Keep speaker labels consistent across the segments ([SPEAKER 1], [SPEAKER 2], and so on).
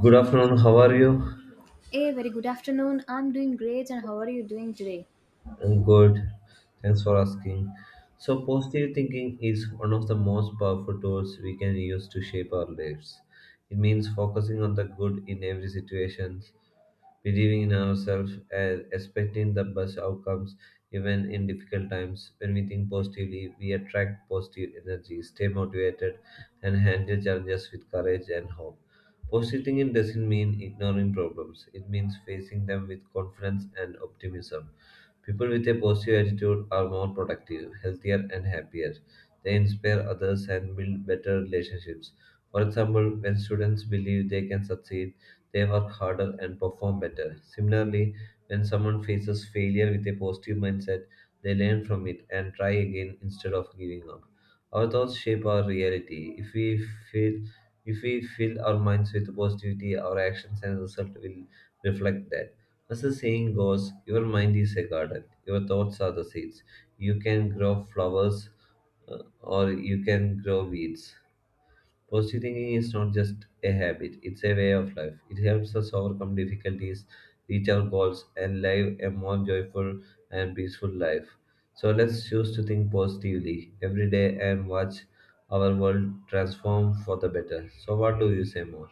[SPEAKER 1] Good afternoon, how are you?
[SPEAKER 2] Hey, very good afternoon. I'm doing great, and how are you doing today?
[SPEAKER 1] I'm good. Thanks for asking. So, positive thinking is one of the most powerful tools we can use to shape our lives. It means focusing on the good in every situation, believing in ourselves, and expecting the best outcomes even in difficult times. When we think positively, we attract positive energy, stay motivated, and handle challenges with courage and hope. Positive thinking doesn't mean ignoring problems, it means facing them with confidence and optimism. People with a positive attitude are more productive, healthier, and happier. They inspire others and build better relationships. For example, when students believe they can succeed, they work harder and perform better. Similarly, when someone faces failure with a positive mindset, they learn from it and try again instead of giving up. Our thoughts shape our reality. Feel if we fill our minds with positivity, our actions and results will reflect that. As the saying goes, your mind is a garden, your thoughts are the seeds. You can grow flowers or you can grow weeds. Positive thinking is not just a habit, it's a way of life. It helps us overcome difficulties, reach our goals, and live a more joyful and peaceful life. So let's choose to think positively every day and watch our world transform for the better. So, what do you say more?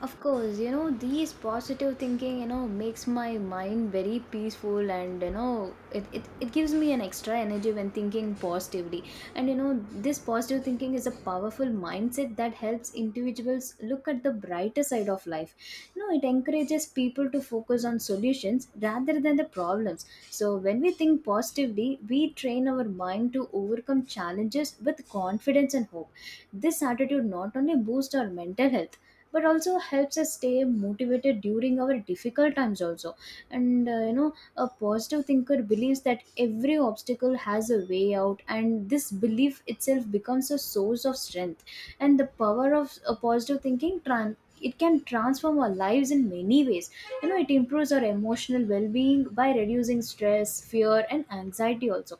[SPEAKER 2] Of course, these positive thinking, makes my mind very peaceful and, it gives me an extra energy when thinking positively. And, this positive thinking is a powerful mindset that helps individuals look at the brighter side of life. It encourages people to focus on solutions rather than the problems. So, when we think positively, we train our mind to overcome challenges with confidence and hope. This attitude not only boosts our mental health but also helps us stay motivated during our difficult times also. And a positive thinker believes that every obstacle has a way out, and this belief itself becomes a source of strength. And the power of a positive it can transform our lives in many ways. It improves our emotional well-being by reducing stress, fear, and anxiety also.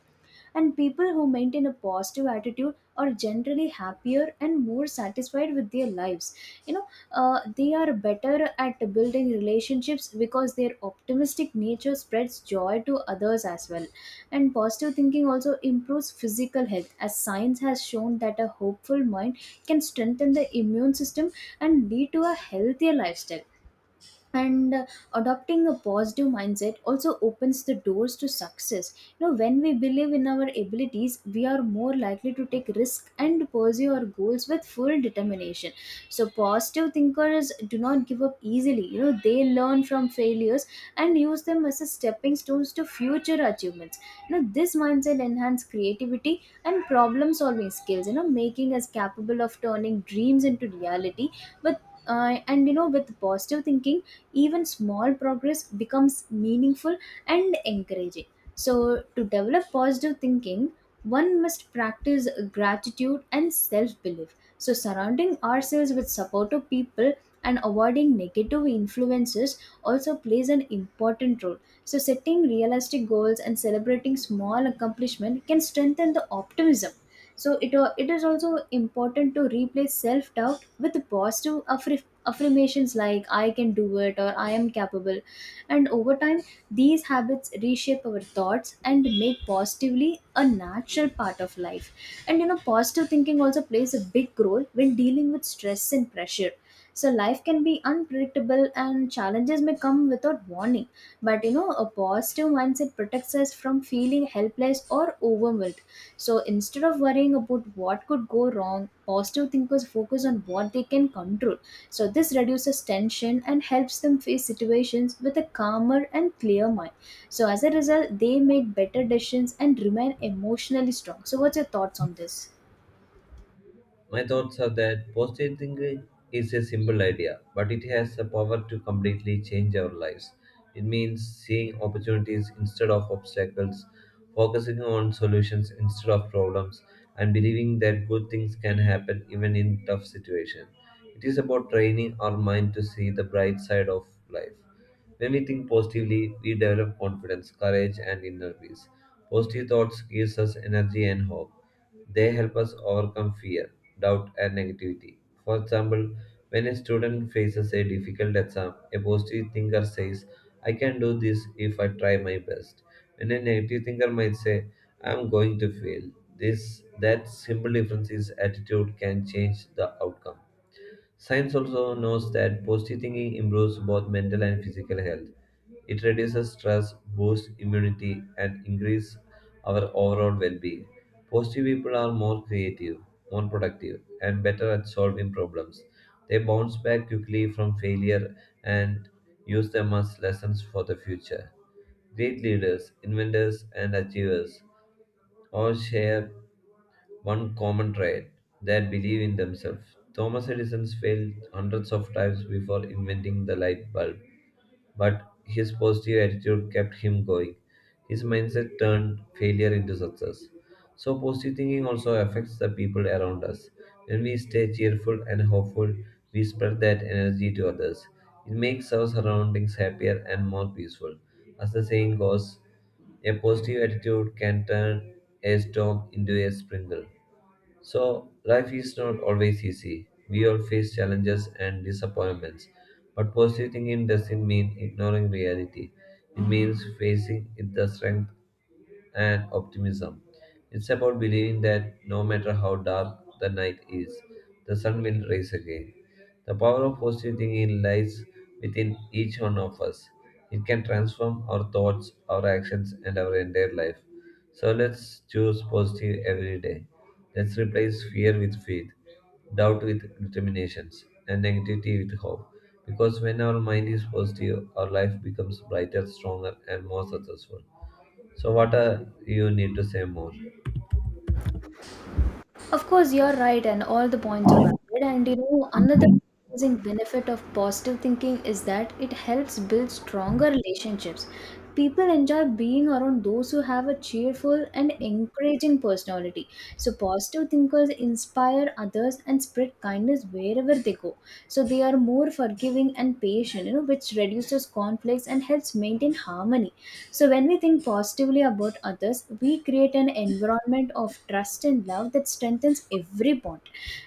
[SPEAKER 2] And people who maintain a positive attitude are generally happier and more satisfied with their lives, you know they are better at building relationships because their optimistic nature spreads joy to others as well. And positive thinking also improves physical health, as science has shown that a hopeful mind can strengthen the immune system and lead to a healthier lifestyle. And adopting a positive mindset also opens the doors to success. When we believe in our abilities, we are more likely to take risk and pursue our goals with full determination. So positive thinkers do not give up easily. They learn from failures and use them as a stepping stones to future achievements. This mindset enhances creativity and problem solving skills, making us capable of turning dreams into reality. With and you know With positive thinking, even small progress becomes meaningful and encouraging. So, to develop positive thinking, one must practice gratitude and self belief. So, surrounding ourselves with supportive people and avoiding negative influences also plays an important role. So, setting realistic goals and celebrating small accomplishments can strengthen the optimism. So it is also important to replace self doubt with positive affirmations like I can do it or I am capable. And over time, these habits reshape our thoughts and make positively a natural part of life. And positive thinking also plays a big role when dealing with stress and pressure. So life can be unpredictable and challenges may come without warning, but a positive mindset protects us from feeling helpless or overwhelmed. So instead of worrying about what could go wrong, positive thinkers focus on what they can control. So this reduces tension and helps them face situations with a calmer and clear mind. So as a result, they make better decisions and remain emotionally strong. So what's your thoughts on this?
[SPEAKER 1] My thoughts are that positive thinking is a simple idea, but it has the power to completely change our lives. It means seeing opportunities instead of obstacles, focusing on solutions instead of problems, and believing that good things can happen even in tough situations. It is about training our mind to see the bright side of life. When we think positively, we develop confidence, courage, and inner peace. Positive thoughts gives us energy and hope. They help us overcome fear, doubt, and negativity. For example, when a student faces a difficult exam, a positive thinker says, "I can do this if I try my best." When a negative thinker might say, "I am going to fail." This that simple difference is attitude can change the outcome. Science also knows that positive thinking improves both mental and physical health. It reduces stress, boosts immunity, and increases our overall well being. Positive people are more creative, more productive, and better at solving problems. They bounce back quickly from failure and use them as lessons for the future. Great leaders, inventors, and achievers all share one common trait: they believe in themselves. Thomas Edison failed hundreds of times before inventing the light bulb, but his positive attitude kept him going. His mindset turned failure into success. So, positive thinking also affects the people around us. When we stay cheerful and hopeful, we spread that energy to others. It makes our surroundings happier and more peaceful. As the saying goes, a positive attitude can turn a storm into a sprinkle. So, life is not always easy. We all face challenges and disappointments. But positive thinking doesn't mean ignoring reality, it means facing it the strength and optimism. It's about believing that no matter how dark the night is, the sun will rise again. The power of positive thinking lies within each one of us. It can transform our thoughts, our actions, and our entire life. So let's choose positive every day. Let's replace fear with faith, doubt with determinations, and negativity with hope. Because when our mind is positive, our life becomes brighter, stronger, and more successful. So what are you need to say more?
[SPEAKER 2] Of course, you're right, and all the points are valid. And another amazing benefit of positive thinking is that it helps build stronger relationships. People enjoy being around those who have a cheerful and encouraging personality. So, positive thinkers inspire others and spread kindness wherever they go. So, they are more forgiving and patient, which reduces conflicts and helps maintain harmony. So, when we think positively about others, we create an environment of trust and love that strengthens every bond.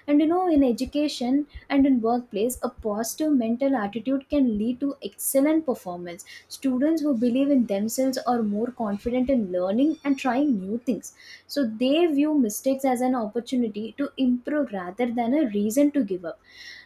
[SPEAKER 2] And in education and in workplace, a positive mental attitude can lead to excellent performance. Students who believe in themselves are more confident in learning and trying new things. So, they view mistakes as an opportunity to improve rather than a reason to give up.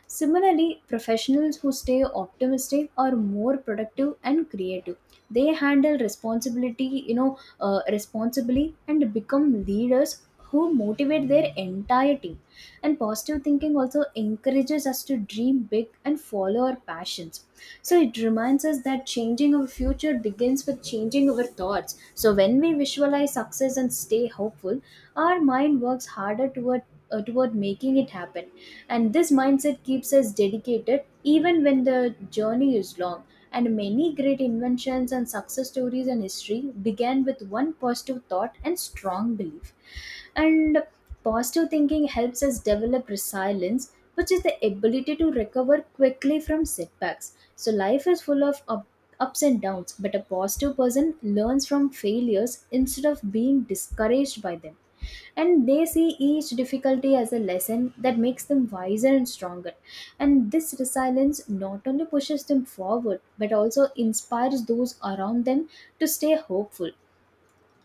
[SPEAKER 2] Similarly, professionals who stay optimistic are more productive and creative. They handle responsibility, responsibly and become leaders who motivate their entire team. And positive thinking also encourages us to dream big and follow our passions. So it reminds us that changing our future begins with changing our thoughts. So when we visualize success and stay hopeful, our mind works harder toward making it happen. And this mindset keeps us dedicated even when the journey is long. And many great inventions and success stories in history began with one positive thought and strong belief. And positive thinking helps us develop resilience, which is the ability to recover quickly from setbacks. So life is full of ups and downs, but a positive person learns from failures instead of being discouraged by them. And they see each difficulty as a lesson that makes them wiser and stronger. And this resilience not only pushes them forward but also inspires those around them to stay hopeful.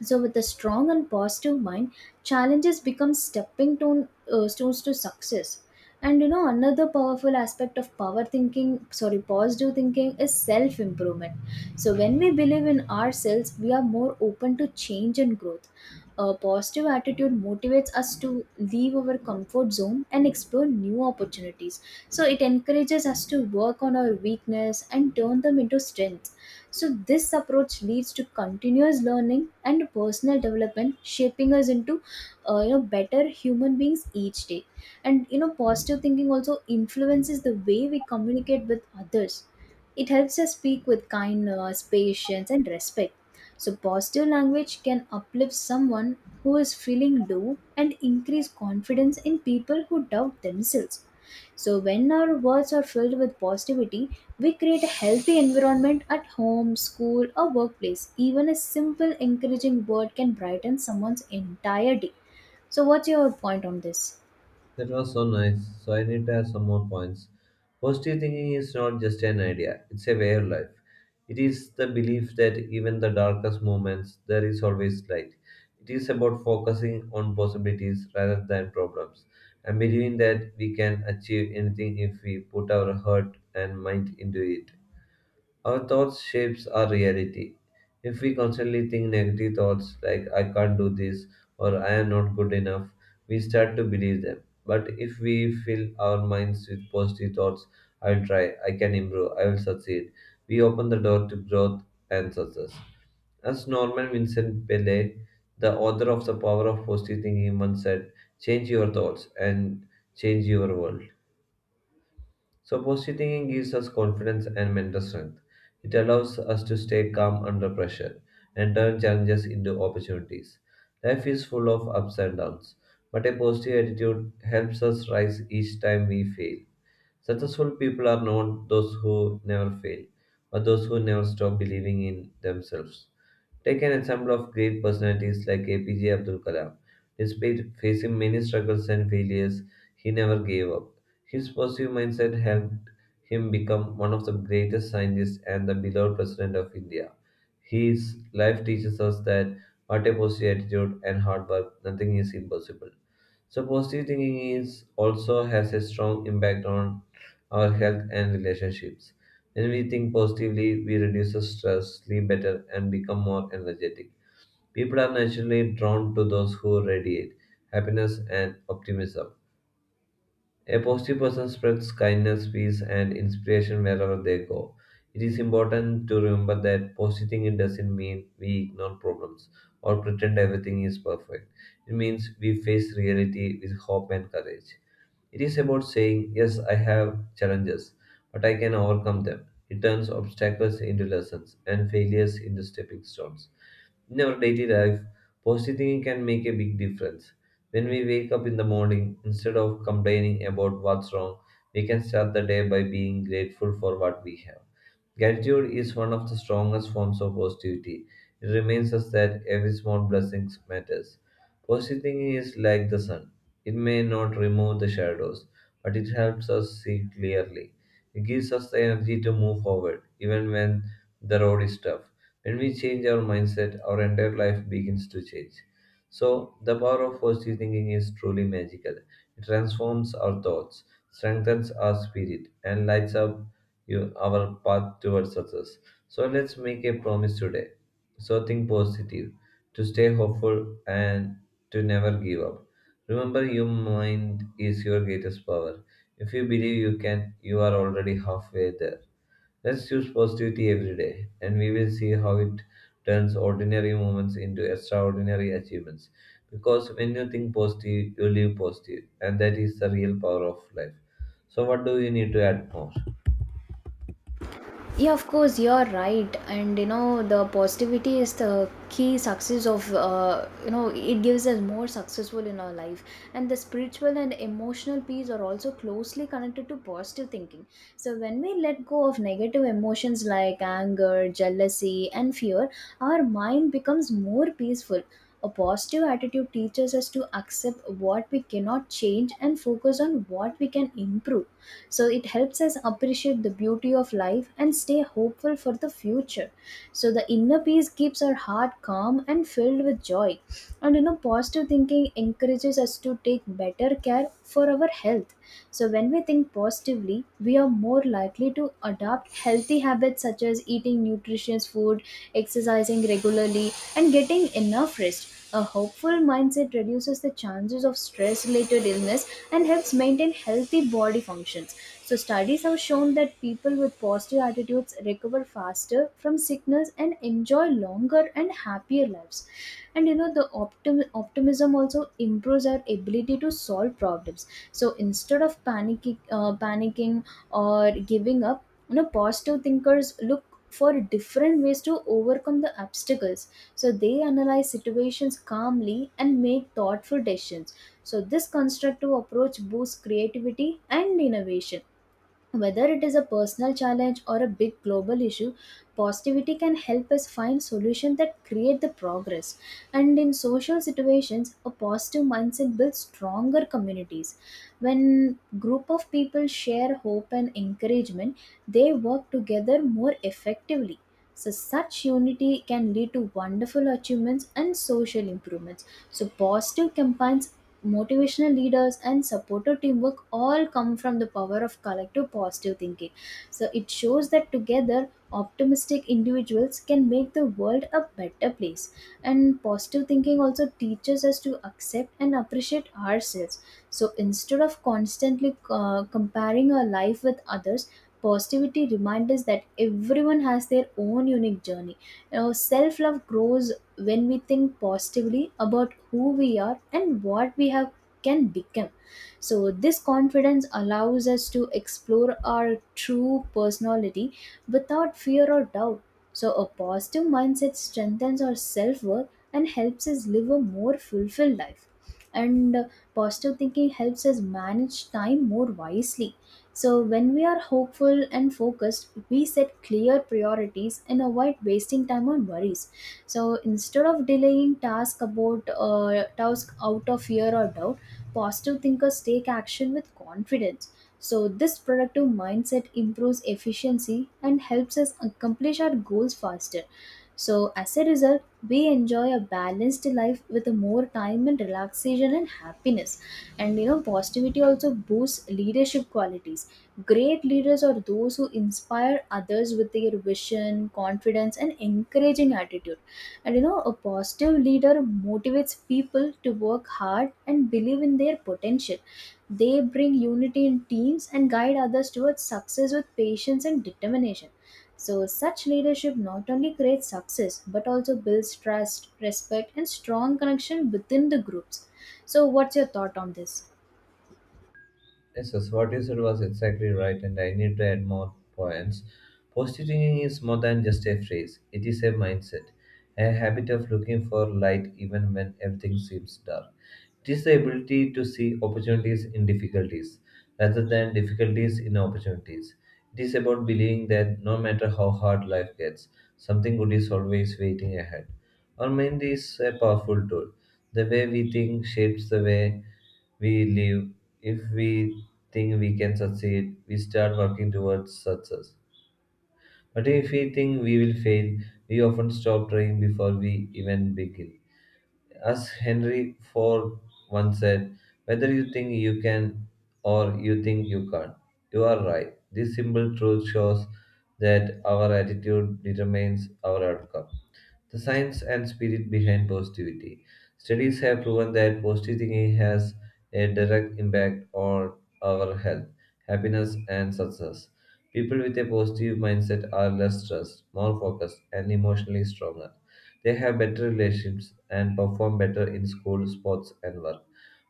[SPEAKER 2] So, with a strong and positive mind, challenges become stones to success. And another powerful aspect of positive thinking is self improvement. So, when we believe in ourselves, we are more open to change and growth. A positive attitude motivates us to leave our comfort zone and explore new opportunities. So, it encourages us to work on our weakness and turn them into strength. So, this approach leads to continuous learning and personal development, shaping us into better human beings each day. And positive thinking also influences the way we communicate with others. It helps us speak with kindness, patience, and respect. So, positive language can uplift someone who is feeling low and increase confidence in people who doubt themselves. So, when our words are filled with positivity, we create a healthy environment at home, school, or workplace. Even a simple encouraging word can brighten someone's entire day. So, what's your point on this?
[SPEAKER 1] That was so nice. So I need to have some more points. Positive thinking is not just an idea, it's a way of life. It is the belief that even the darkest moments there is always light. It is about focusing on possibilities rather than problems and believing that we can achieve anything if we put our heart and mind into it. Our thoughts shapes our reality. If we constantly think negative thoughts like "I can't do this" or "I am not good enough," we start to believe them. But if we fill our minds with positive thoughts, "I'll try, I can improve, I will succeed," we open the door to growth and success. As Norman Vincent Pele, the author of The Power of Positive Thinking, once said, "change your thoughts and change your world." So, positive thinking gives us confidence and mental strength. It allows us to stay calm under pressure and turn challenges into opportunities. Life is full of ups and downs, but a positive attitude helps us rise each time we fail. Successful people are not those who never fail, but those who never stop believing in themselves. Take an example of great personalities like APJ Abdul Kalam. Despite facing many struggles and failures, he never gave up. His positive mindset helped him become one of the greatest scientists and the beloved president of India. His life teaches us that what a positive attitude and hard work, nothing is impossible. So positive thinking is also has a strong impact on our health and relationships. When we think positively, we reduce the stress, sleep better, and become more energetic. People are naturally drawn to those who radiate happiness and optimism. A positive person spreads kindness, peace, and inspiration wherever they go. It is important to remember that positive thinking doesn't mean we ignore problems or pretend everything is perfect. It means we face reality with hope and courage. It is about saying, "Yes, I have challenges, but I can overcome them." It turns obstacles into lessons and failures into stepping stones. In our daily life, positive thinking can make a big difference. When we wake up in the morning, instead of complaining about what's wrong, we can start the day by being grateful for what we have. Gratitude is one of the strongest forms of positivity. It reminds us that every small blessing matters. Positive thinking is like the sun. It may not remove the shadows, but it helps us see clearly. It gives us the energy to move forward, even when the road is tough. When we change our mindset, our entire life begins to change. So, the power of positive thinking is truly magical. It transforms our thoughts, strengthens our spirit, and lights up you, our path towards success. So let's make a promise today. So think positive, to stay hopeful, and to never give up. Remember, your mind is your greatest power. If you believe you can, you are already halfway there. Let's use positivity every day, and we will see how it turns ordinary moments into extraordinary achievements. Because when you think positive, you live positive, and that is the real power of life. So, what do you need to add more?
[SPEAKER 2] Yeah, of course, you're right. And the positivity is the key success of, it gives us more successful in our life. And the spiritual and emotional peace are also closely connected to positive thinking. So, when we let go of negative emotions like anger, jealousy, and fear, our mind becomes more peaceful. A positive attitude teaches us to accept what we cannot change and focus on what we can improve. So it helps us appreciate the beauty of life and stay hopeful for the future. So the inner peace keeps our heart calm and filled with joy. And positive thinking encourages us to take better care for our health. So when we think positively, we are more likely to adopt healthy habits such as eating nutritious food, exercising regularly, and getting enough rest. A hopeful mindset reduces the chances of stress related illness and helps maintain healthy body function. So, studies have shown that people with positive attitudes recover faster from sickness and enjoy longer and happier lives. And optimism also improves our ability to solve problems. So, instead of panicking or giving up, positive thinkers look for different ways to overcome the obstacles. So, they analyze situations calmly and make thoughtful decisions. So, this constructive approach boosts creativity and innovation. Whether it is a personal challenge or a big global issue, positivity can help us find solutions that create the progress. And in social situations, a positive mindset builds stronger communities. When group of people share hope and encouragement, they work together more effectively. So such unity can lead to wonderful achievements and social improvements. So positive campaigns, motivational leaders, and supporter teamwork all come from the power of collective positive thinking. So it shows that together optimistic individuals can make the world a better place. And positive thinking also teaches us to accept and appreciate ourselves. So instead of constantly comparing our life with others, positivity reminds us that everyone has their own unique journey. Self love grows when we think positively about who we are and what we have can become. So this confidence allows us to explore our true personality without fear or doubt. So a positive mindset strengthens our self-worth and helps us live a more fulfilled life. And positive thinking helps us manage time more wisely. So, when we are hopeful and focused, we set clear priorities and avoid wasting time on worries. So, instead of delaying task out of fear or doubt, positive thinkers take action with confidence. So, this productive mindset improves efficiency and helps us accomplish our goals faster. So, as a result, we enjoy a balanced life with more time and relaxation and happiness. And positivity also boosts leadership qualities. Great leaders are those who inspire others with their vision, confidence, and encouraging attitude. And a positive leader motivates people to work hard and believe in their potential. They bring unity in teams and guide others towards success with patience and determination. So, such leadership not only creates success but also builds trust, respect, and strong connection within the groups. So, what's your thought on this?
[SPEAKER 1] Yes, yes, what you said was exactly right, and I need to add more points. Positivity is more than just a phrase, it is a mindset, a habit of looking for light even when everything seems dark. It is the ability to see opportunities in difficulties rather than difficulties in opportunities. It is about believing that no matter how hard life gets, something good is always waiting ahead. Our mind is a powerful tool. The way we think shapes the way we live. If we think we can succeed, we start working towards success. But if we think we will fail, we often stop trying before we even begin. As Henry Ford once said, "whether you think you can or you think you can't, you are right." This simple truth shows that our attitude determines our outcome. The science and spirit behind positivity. Studies have proven that positive thinking has a direct impact on our health, happiness, and success. People with a positive mindset are less stressed, more focused, and emotionally stronger. They have better relationships and perform better in school, sports, and work.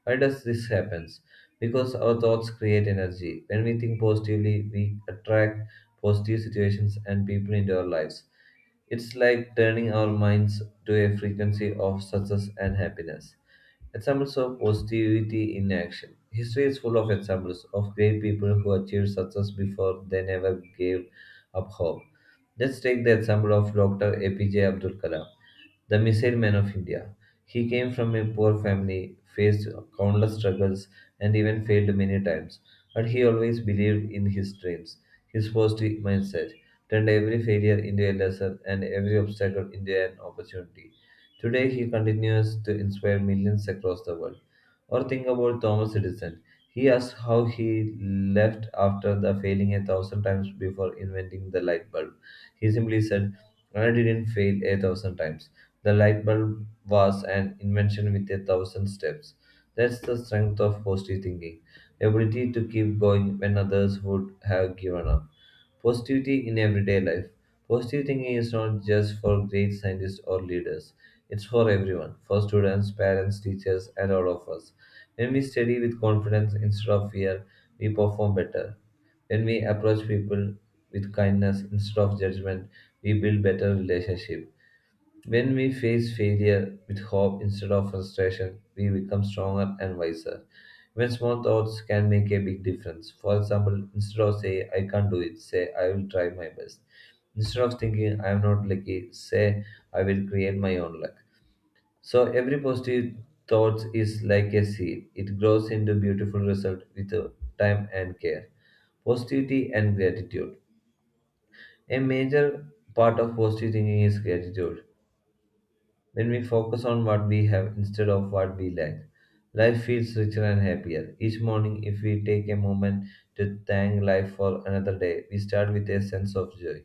[SPEAKER 1] Why does this happen? Because our thoughts create energy. When we think positively, we attract positive situations and people into our lives. It's like turning our minds to a frequency of success and happiness. Examples of positivity in action. History is full of examples of great people who achieved success before they never gave up hope. Let's take the example of Dr. APJ Abdul Kalam, the Missile Man of India. He came from a poor family, faced countless struggles, and even failed many times. But he always believed in his dreams. His positive mindset turned every failure into a lesson and every obstacle into an opportunity. Today, he continues to inspire millions across the world. Or think about Thomas Edison. He asked how he left after the failing a thousand times before inventing the light bulb. He simply said, "I didn't fail a thousand times. The light bulb was an invention with a thousand steps." That's the strength of positive thinking, the ability to keep going when others would have given up. Positivity in everyday life. Positive thinking is not just for great scientists or leaders. It's for everyone, for students, parents, teachers, and all of us. When we study with confidence instead of fear, we perform better. When we approach people with kindness instead of judgment, we build better relationship. When we face failure with hope instead of frustration, we become stronger and wiser. Even small thoughts can make a big difference. For example, instead of say I can't do it, say I will try my best. Instead of thinking I am not lucky, say I will create my own luck. So every positive thought is like a seed. It grows into beautiful result with time and care. Positivity and gratitude. A major part of positive thinking is gratitude. When we focus on what we have instead of what we lack, life feels richer and happier. Each morning, if we take a moment to thank life for another day, we start with a sense of joy.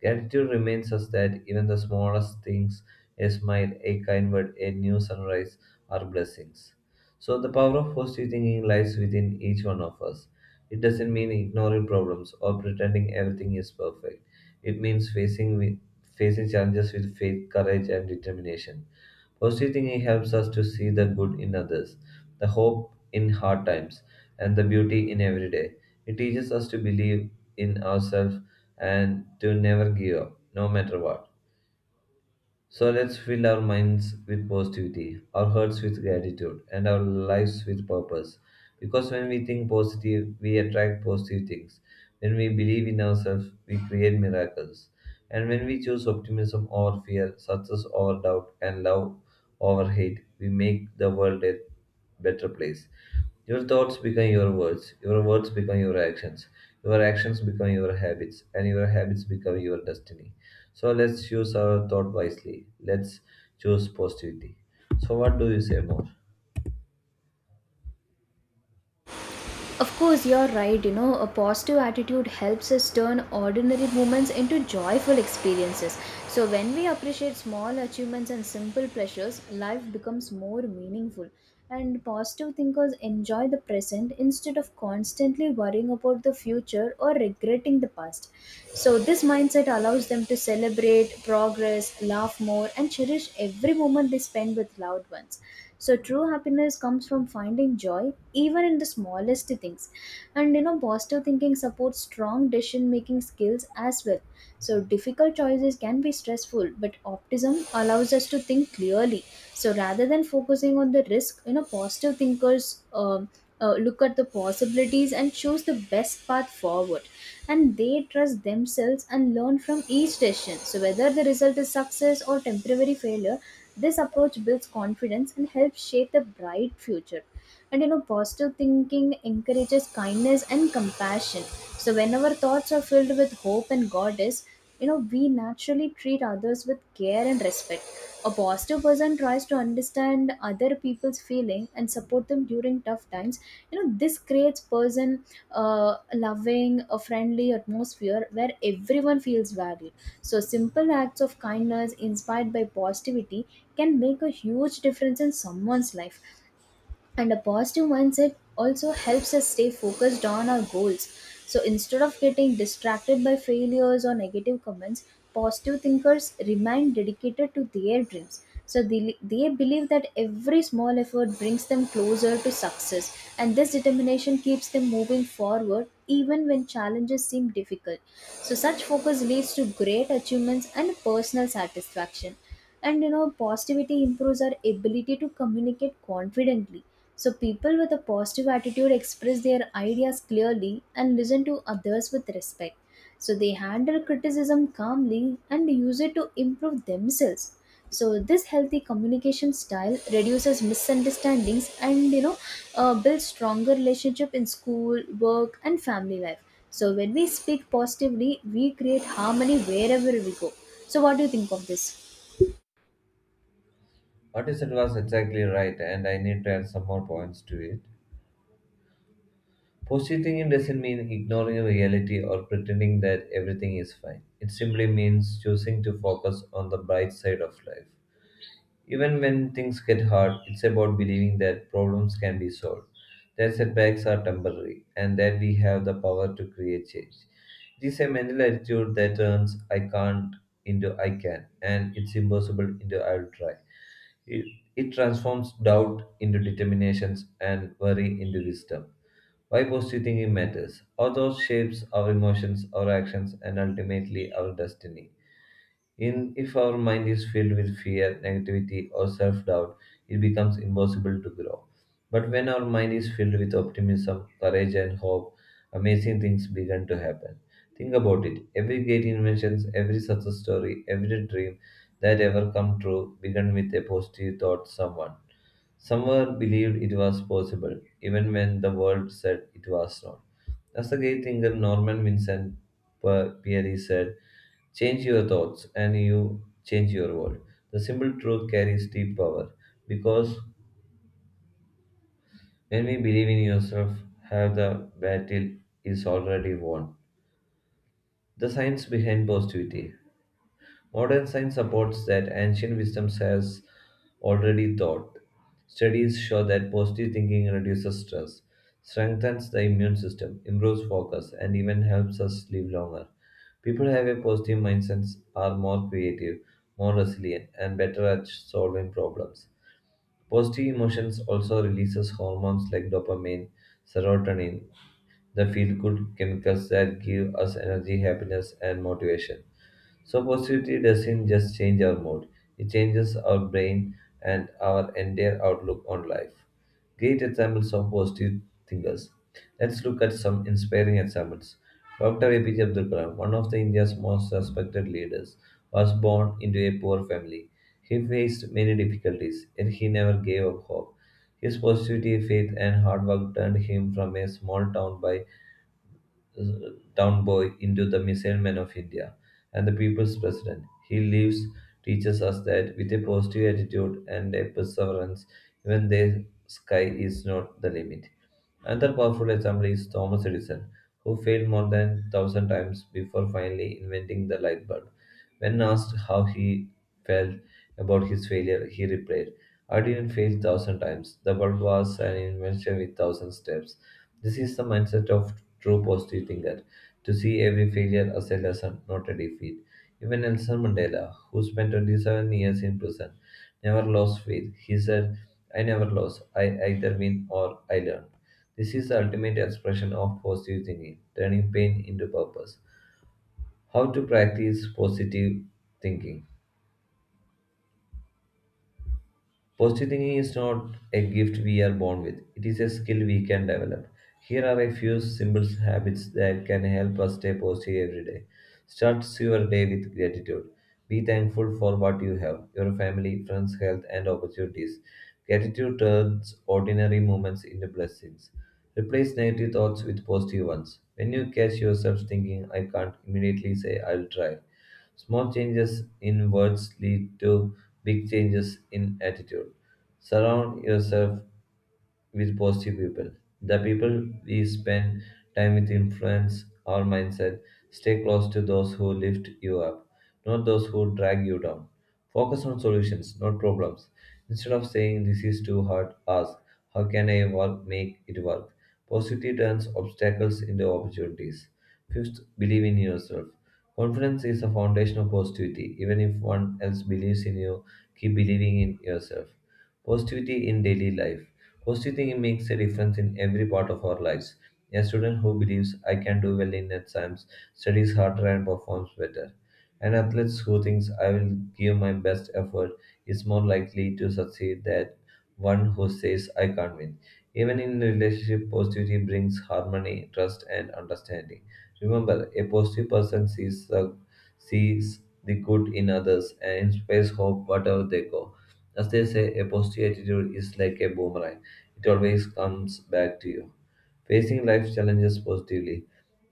[SPEAKER 1] Gratitude reminds us that even the smallest things, a smile, a kind word, a new sunrise, are blessings. So, the power of positive thinking lies within each one of us. It doesn't mean ignoring problems or pretending everything is perfect. It means facing challenges with faith, courage, and determination. Positive thinking helps us to see the good in others, the hope in hard times, and the beauty in every day. It teaches us to believe in ourselves and to never give up, no matter what. So let's fill our minds with positivity, our hearts with gratitude, and our lives with purpose. Because when we think positive, we attract positive things. When we believe in ourselves, we create miracles. And when we choose optimism over fear, success over doubt, and love over hate, we make the world a better place. Your thoughts become your words become your actions become your habits, and your habits become your destiny. So let's use our thought wisely. Let's choose positivity. So what do you say more?
[SPEAKER 2] Of course, you're right. A positive attitude helps us turn ordinary moments into joyful experiences. So, when we appreciate small achievements and simple pleasures, life becomes more meaningful. And positive thinkers enjoy the present instead of constantly worrying about the future or regretting the past. So, this mindset allows them to celebrate progress, laugh more, and cherish every moment they spend with loved ones. So true happiness comes from finding joy even in the smallest things. And positive thinking supports strong decision making skills as well. So difficult choices can be stressful, but optimism allows us to think clearly. So rather than focusing on the risk, positive thinkers look at the possibilities and choose the best path forward. And they trust themselves and learn from each decision. So whether the result is success or temporary failure, this approach builds confidence and helps shape the bright future. And positive thinking encourages kindness and compassion. So whenever thoughts are filled with hope and god is, we naturally treat others with care and respect. A positive person tries to understand other people's feeling and support them during tough times. This creates person uh, loving a friendly atmosphere where everyone feels valued. So simple acts of kindness inspired by positivity can make a huge difference in someone's life. And a positive mindset also helps us stay focused on our goals. So instead of getting distracted by failures or negative comments, positive thinkers remain dedicated to their dreams. So they believe that every small effort brings them closer to success, and this determination keeps them moving forward even when challenges seem difficult. So, such focus leads to great achievements and personal satisfaction. And positivity improves our ability to communicate confidently. So people with a positive attitude express their ideas clearly and listen to others with respect. So they handle criticism calmly and use it to improve themselves. So this healthy communication style reduces misunderstandings and, builds stronger relationship in school, work, and family life. So when we speak positively, we create harmony wherever we go. So what do you think of this?
[SPEAKER 1] What you said was exactly right, and I need to add some more points to it. Positive thinking doesn't mean ignoring reality or pretending that everything is fine. It simply means choosing to focus on the bright side of life. Even when things get hard, it's about believing that problems can be solved, that setbacks are temporary, and that we have the power to create change. It is a mental attitude that turns I can't into I can, and it's impossible into I'll try. It, it transforms doubt into determinations and worry into wisdom. Why positive thinking matters. Our thought shapes our emotions, our actions, and ultimately our destiny. In if our mind is filled with fear, negativity, or self-doubt, it becomes impossible to grow. But when our mind is filled with optimism, courage, and hope, amazing things begin to happen. Think about it. Every great invention, every success story, every dream that ever come true began with a positive thought someone. Someone believed it was possible, even when the world said it was not. As the great thinker Norman Vincent Peary said, change your thoughts and you change your world. The simple truth carries deep power because when we believe in yourself, have the battle is already won. The science behind positivity. Modern science supports that ancient wisdom has already thought. Studies show that positive thinking reduces stress, strengthens the immune system, improves focus, and even helps us live longer. People who have a positive mindset are more creative, more resilient, and better at solving problems. Positive emotions also releases hormones like dopamine, serotonin, the feel good chemicals that give us energy, happiness, and motivation. So, positivity doesn't just change our mood, it changes our brain and our entire outlook on life. Great examples of positive thinkers. Let's look at some inspiring examples. Dr. APJ Abdul Kalam, one of the India's most respected leaders, was born into a poor family. He faced many difficulties, yet he never gave up hope. His positivity, faith, and hard work turned him from a small town boy into the missile man of India and the people's president. He lives teaches us that with a positive attitude and a perseverance, even the sky is not the limit. Another powerful example is Thomas Edison, who failed more than 1000 times before finally inventing the light bulb. When asked how he felt about his failure, he replied, I didn't fail thousand times. The bulb was an invention with thousand steps. This is the mindset of true positive thinker to see every failure as a lesson, not a defeat. Even Nelson Mandela, who spent 27 years in prison, never lost faith. He said, I never lose. I either win or I learn. This is the ultimate expression of positive thinking, turning pain into purpose. How to practice positive thinking. Positive thinking is not a gift we are born with, it is a skill we can develop. Here are a few simple habits that can help us stay positive every day. Start your day with gratitude. Be thankful for what you have, your family, friends, health, and opportunities. Gratitude turns ordinary moments into blessings. Replace negative thoughts with positive ones. When you catch yourself thinking, I can't immediately say, I'll try. Small changes in words lead to big changes in attitude. Surround yourself with positive people. The people we spend time with influence our mindset. Stay close to those who lift you up, not those who drag you down. Focus on solutions, not problems. Instead of saying this is too hard, ask how can make it work? Positivity turns obstacles into opportunities. Fifth, believe in yourself. Confidence is the foundation of positivity. Even if one else believes in you, keep believing in yourself. Positivity in daily life. Positive thinking makes a difference in every part of our lives. A student who believes I can do well in exams studies harder and performs better. An athlete who thinks I will give my best effort is more likely to succeed than one who says I can't win. Even in relationship, positivity brings harmony, trust, and understanding. Remember, a positive person sees the good in others and inspires hope wherever they go. As they say, a positive attitude is like a boomerang it always comes back to you. Facing life's challenges positively.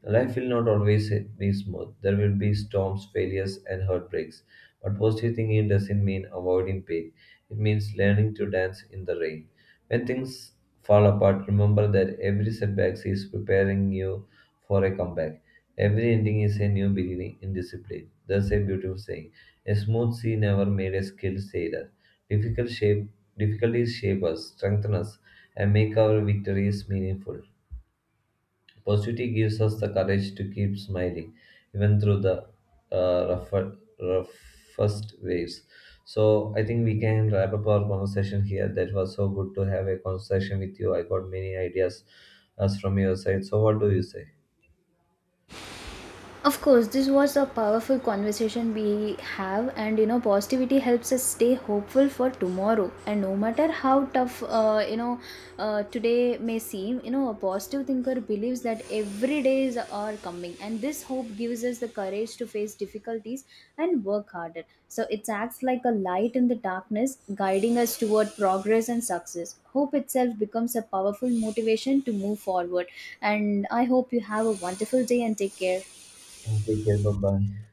[SPEAKER 1] Life will not always be smooth. There will be storms, failures, and heartbreaks. But positive thinking doesn't mean avoiding pain. It means learning to dance in the rain. When things fall apart, remember that every setback is preparing you for a comeback. Every ending is a new beginning in discipline. There's a beautiful saying. A smooth sea never made a skilled sailor. Difficult shape, difficulties shape us, strengthen us, and make our victories meaningful. Positivity gives us the courage to keep smiling, even through the uh, rougher, roughest waves. So I think we can wrap up our conversation here. That was so good to have a conversation with you. I got many ideas as from your side. So what do you say?
[SPEAKER 2] Of course, this was a powerful conversation we have, and positivity helps us stay hopeful for tomorrow. And no matter how today may seem, a positive thinker believes that every days are coming, and this hope gives us the courage to face difficulties and work harder. So it acts like a light in the darkness, guiding us toward progress and success. Hope itself becomes a powerful motivation to move forward. And I hope you have a wonderful day and take care.
[SPEAKER 1] Take care. Bye bye.